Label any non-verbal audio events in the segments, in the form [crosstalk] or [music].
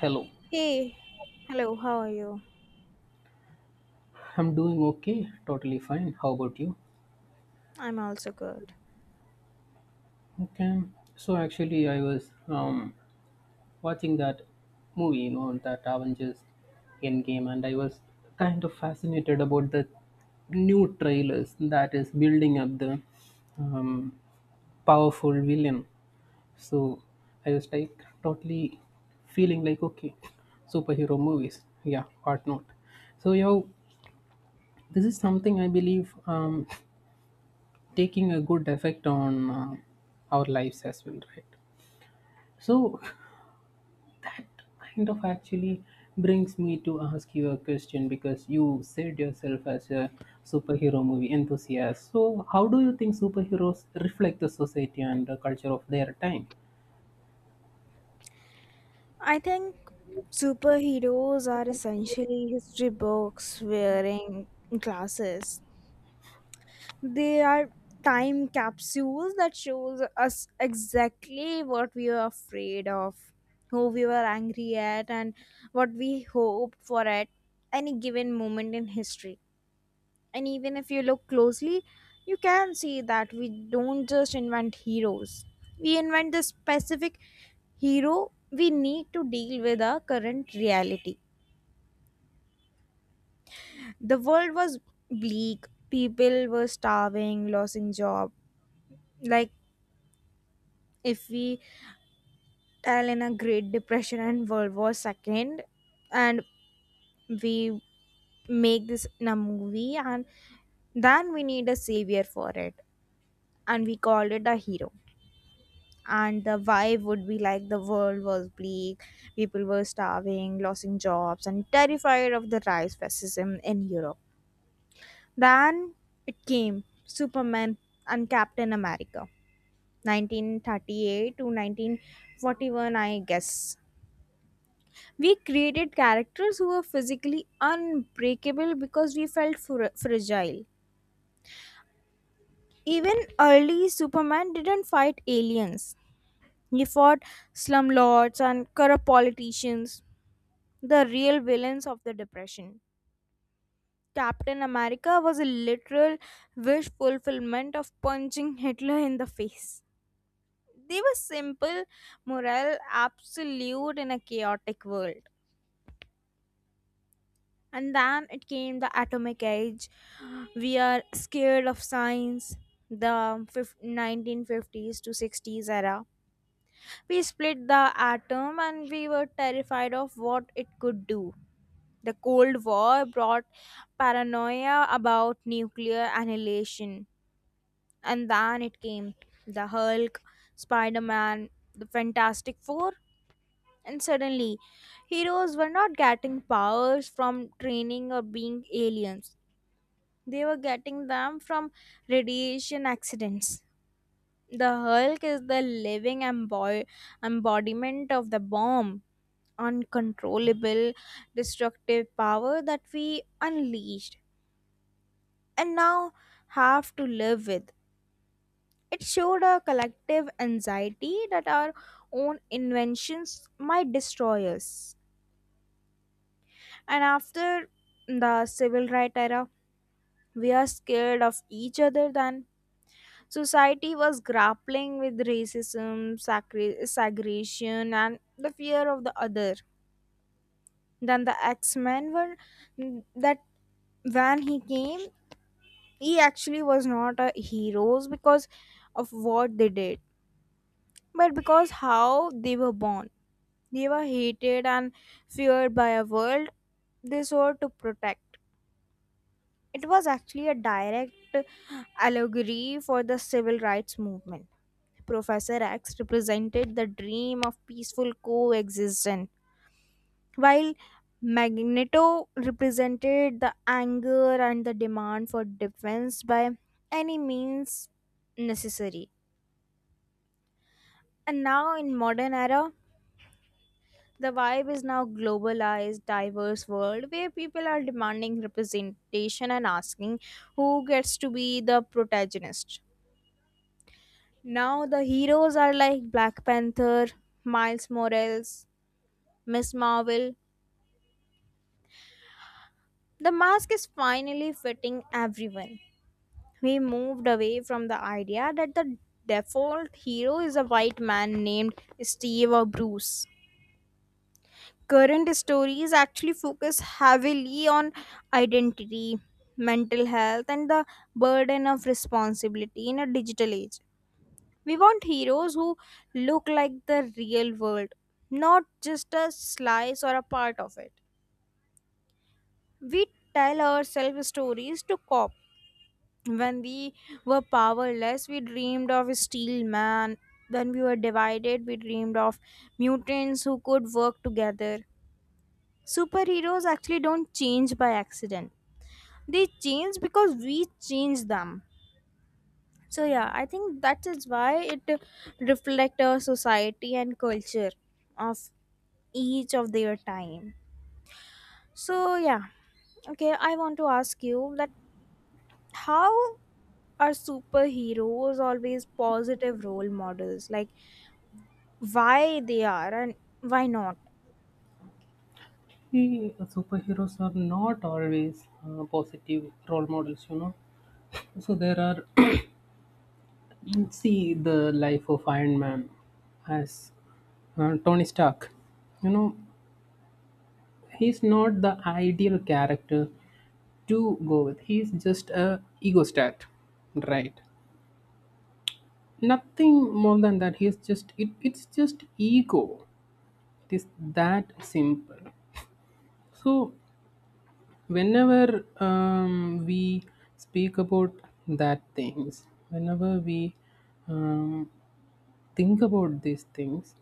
Hello. Hey, hello, how are you? I'm doing okay, totally fine. How about you? I'm also good. Okay. So actually, I was watching that movie, that Avengers Endgame, and I was kind of fascinated about the new trailers that is building up the um, powerful villain. So I was like totally feeling like okay, superhero movies, yeah, what not. So you know, this is something I believe taking a good effect on our lives as well, right? So [laughs] that kind of actually brings me to ask you a question, because you said yourself as a superhero movie enthusiast. So how do you think superheroes reflect the society and the culture of their time? I think superheroes are essentially history books wearing glasses. They are time capsules that shows us exactly what we were afraid of, who we were angry at, and what we hope for at any given moment in history. And even if you look closely, you can see that we don't just invent heroes. We invent the specific hero we need to deal with our current reality. The world was bleak, people were starving, losing job. Like if we tell in a Great Depression and World War Second and we make this in a movie and then we need a savior for it and we called it a hero and the vibe would be like the world was bleak, people were starving, losing jobs, and terrified of the rise fascism in Europe. Then it came Superman and Captain America, 1938 to 1941, I guess. We created characters who were physically unbreakable because we felt fragile. Even early Superman didn't fight aliens. He fought slumlords and corrupt politicians, the real villains of the Depression. Captain America was a literal wish fulfillment of punching Hitler in the face. They were simple, moral, absolute in a chaotic world. And then it came the atomic age. We are scared of science. The 1950s to 60s era. We split the atom and we were terrified of what it could do. The Cold War brought paranoia about nuclear annihilation, and then it came the Hulk, Spider Man, the Fantastic Four, and suddenly heroes were not getting powers from training or being aliens. They were getting them from radiation accidents. The Hulk is the living embodiment of the bomb, uncontrollable, destructive power that we unleashed and now have to live with. It showed a collective anxiety that our own inventions might destroy us. And after the civil right era, we are scared of each other than society was grappling with racism, segregation, and the fear of the other. Then the X-Men were that when he came, he actually was not a heroes because of what they did but because how they were born. They were hated and feared by a world they sought to protect. It was actually a direct allegory for the civil rights movement. Professor X represented the dream of peaceful coexistence, while Magneto represented the anger and the demand for defense by any means necessary. And now in modern era, the vibe is now globalized, diverse world where people are demanding representation and asking who gets to be the protagonist. Now the heroes are like Black Panther, Miles Morales, Miss Marvel. The mask is finally fitting everyone. We moved away from the idea that the default hero is a white man named Steve or Bruce. Current stories actually focus heavily on identity, mental health, and the burden of responsibility in a digital age. We want heroes who look like the real world, not just a slice or a part of it. We tell ourselves stories to cop. When we were powerless, we dreamed of a steel man. When we were divided, we dreamed of mutants who could work together. Superheroes actually don't change by accident. They change because we change them. So yeah, I think that is why it reflects our society and culture of each of their time. So yeah, okay, I want to ask you that how are superheroes always positive role models? Like why they are and why not? See, superheroes are not always positive role models, you know. So there are [coughs] [clears throat] see the life of Iron Man as Tony Stark, you know. He's not the ideal character to go with. He's just a egostat, right? Nothing more than that. He's just it. It's just ego. It is that simple. So whenever we speak about that things, whenever we um, think about these things,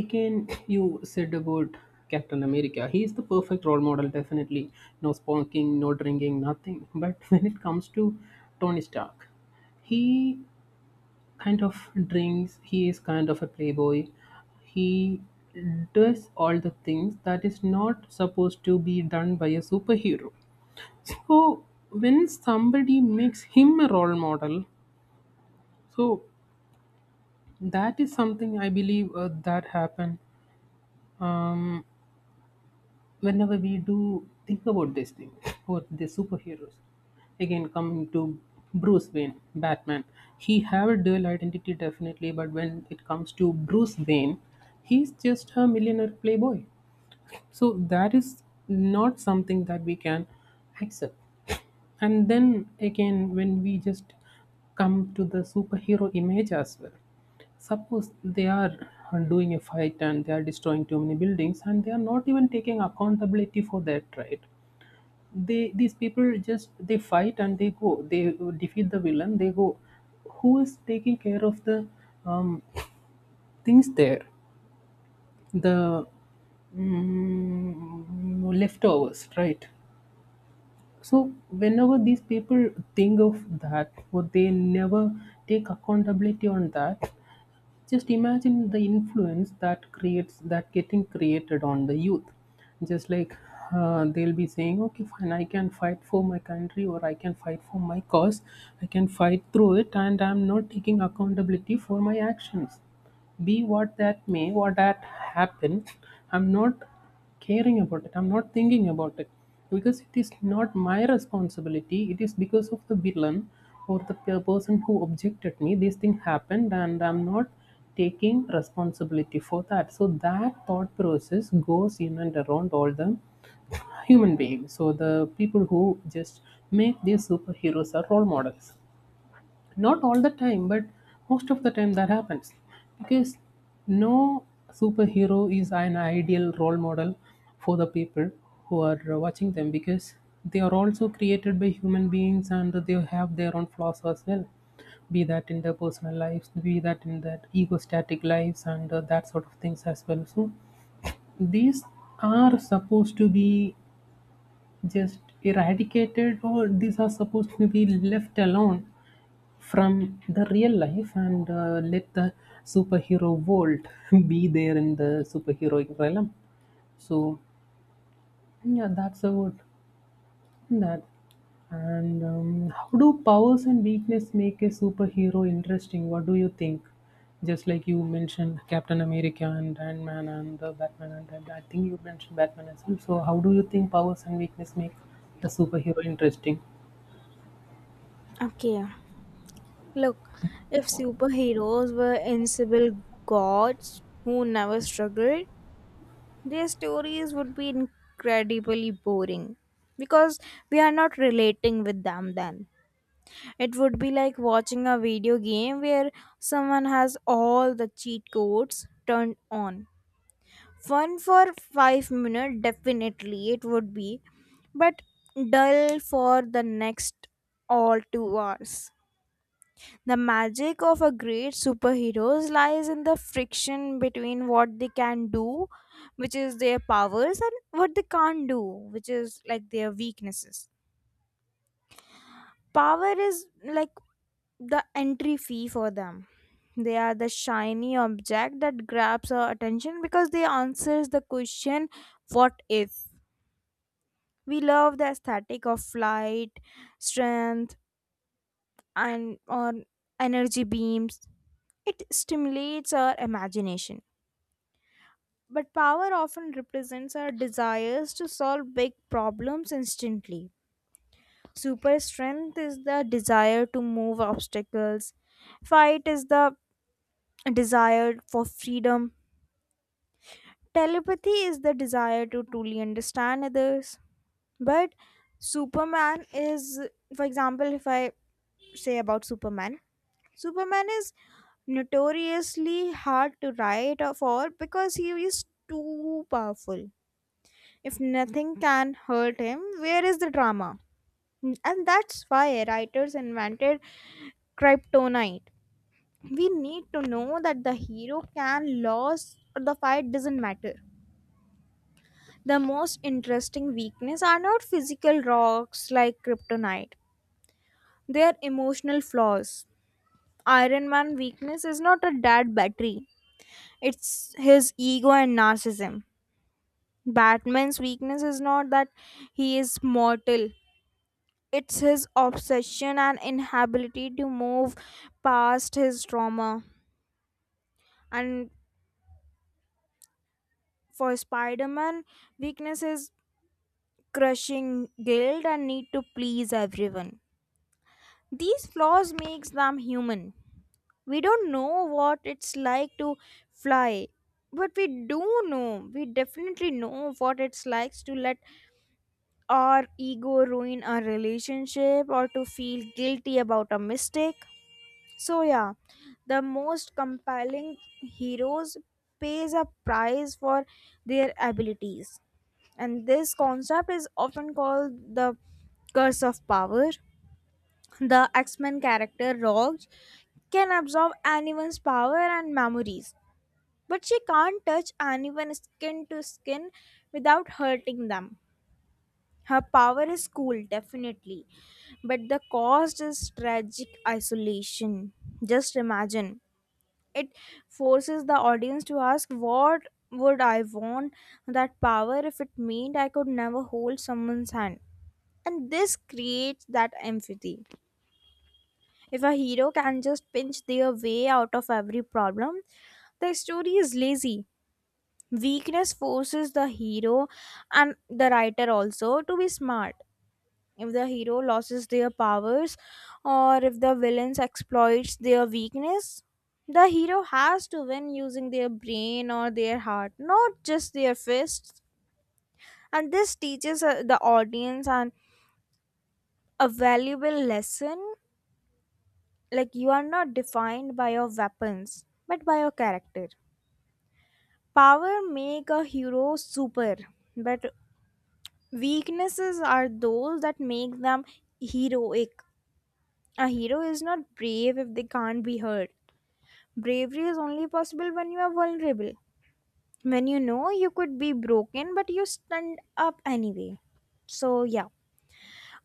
again you said about Captain America. He is the perfect role model, definitely. No smoking, no drinking, nothing. But [laughs] when it comes to Tony Stark, he kind of drinks, he is kind of a playboy. He does all the things that is not supposed to be done by a superhero. So when somebody makes him a role model, so that is something I believe that happened um, whenever we do think about this thing [laughs] about the superheroes. Again, coming to Bruce Wayne Batman, he have a dual identity, definitely. But when it comes to Bruce Wayne, he's just a millionaire playboy. So that is not something that we can accept. And then again, when we just come to the superhero image as well, suppose they are doing a fight and they are destroying too many buildings and they are not even taking accountability for that, right? They these people just, they fight and they go, they defeat the villain, they go. Who is taking care of the um, things there, the leftovers, right? So whenever these people think of that, or they never take accountability on that. Just imagine the influence that creates, that getting created on the youth. Just like, they'll be saying, okay, fine, I can fight for my country, or I can fight for my cause. I can fight through it, and I'm not taking accountability for my actions. Be what that may, what that happen, I'm not caring about it. I'm not thinking about it, because it is not my responsibility. It is because of the villain or the person who objected me. This thing happened, and I'm not taking responsibility for that. So that thought process goes in and around all the human beings. So the people who just make these superheroes are role models, not all the time, but most of the time that happens. Because no superhero is an ideal role model for the people who are watching them, because they are also created by human beings and they have their own flaws as well. Be that in their personal lives, be that in their egostatic lives, and that sort of things as well. So these are supposed to be just eradicated, or these are supposed to be left alone from the real life, and let the superhero world [laughs] be there in the superheroic realm. So, yeah, that's about that. And how do powers and weakness make a superhero interesting? What do you think? Just like you mentioned Captain America and Iron Man and Batman, and I think you mentioned Batman as well. So, how do you think powers and weakness make a superhero interesting? Okay. Look, if superheroes were invincible gods who never struggled, their stories would be incredibly boring because we are not relating with them then. It would be like watching a video game where someone has all the cheat codes turned on. Fun for 5 minutes, definitely it would be, but dull for the next all 2 hours. The magic of a great superheroes lies in the friction between what they can do, which is their powers, and what they can't do, which is like their weaknesses. Power is like the entry fee for them. They are the shiny object that grabs our attention because they answers the question what if. We love the aesthetic of flight, strength and or energy beams. It stimulates our imagination. But power often represents our desires to solve big problems instantly. Super strength is the desire to move obstacles. Fight is the desire for freedom. Telepathy is the desire to truly understand others. But Superman is, for example, if I say about Superman, Superman is notoriously hard to write or for because he is too powerful. If nothing can hurt him, where is the drama? And that's why writers invented kryptonite. We need to know that the hero can lose or the fight doesn't matter. The most interesting weakness are not physical rocks like kryptonite. They are emotional flaws. Iron Man weakness is not a dead battery. It's his ego and narcissism. Batman's weakness is not that he is mortal. It's his obsession and inability to move past his trauma. And for Spider Man, weakness is crushing guilt and need to please everyone. These flaws makes them human. We don't know what it's like to fly, but we do know. We definitely know what it's like to let our ego ruin a relationship or to feel guilty about a mistake. So yeah, the most compelling heroes pays a price for their abilities. And this concept is often called the curse of power. The X-Men character Rogue can absorb anyone's power and memories, but she can't touch anyone skin to skin without hurting them. Her power is cool, definitely, but the cost is tragic isolation. Just imagine it forces the audience to ask what would I want that power if it meant I could never hold someone's hand. And this creates that empathy. If a hero can just pinch their way out of every problem, the story is lazy. Weakness forces the hero and the writer also to be smart. If the hero loses their powers or if the villains exploits their weakness, the hero has to win using their brain or their heart, not just their fists. And this teaches the audience an a valuable lesson, like you are not defined by your weapons but by your character. Power make a hero super, but weaknesses are those that make them heroic. A hero is not brave if they can't be hurt. Bravery is only possible when you are vulnerable, when you know you could be broken, but you stand up anyway. So, yeah.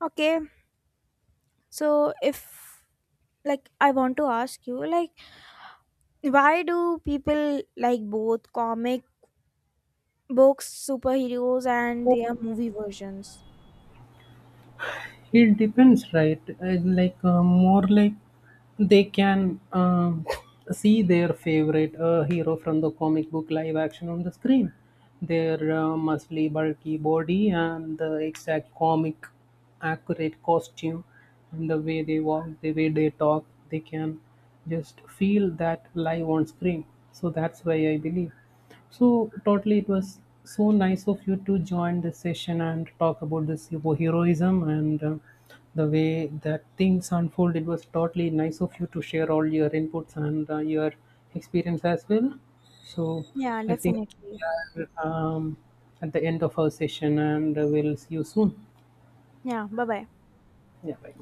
Okay. So, if like I want to ask you, like, why do people like both comic books, superheroes, and their movie versions? It depends, right? Like more like they can see their favorite hero from the comic book live action on the screen. Their muscly, bulky body and the exact comic accurate costume, and the way they walk, the way they talk, they can just feel that live on screen. So that's why I believe. So totally, it was so nice of you to join the session and talk about this heroism and the way that things unfold. It was totally nice of you to share all your inputs and your experience as well. So Yeah, I think definitely. we are at the end of our session, and we'll see you soon. Yeah, bye bye. Yeah, bye.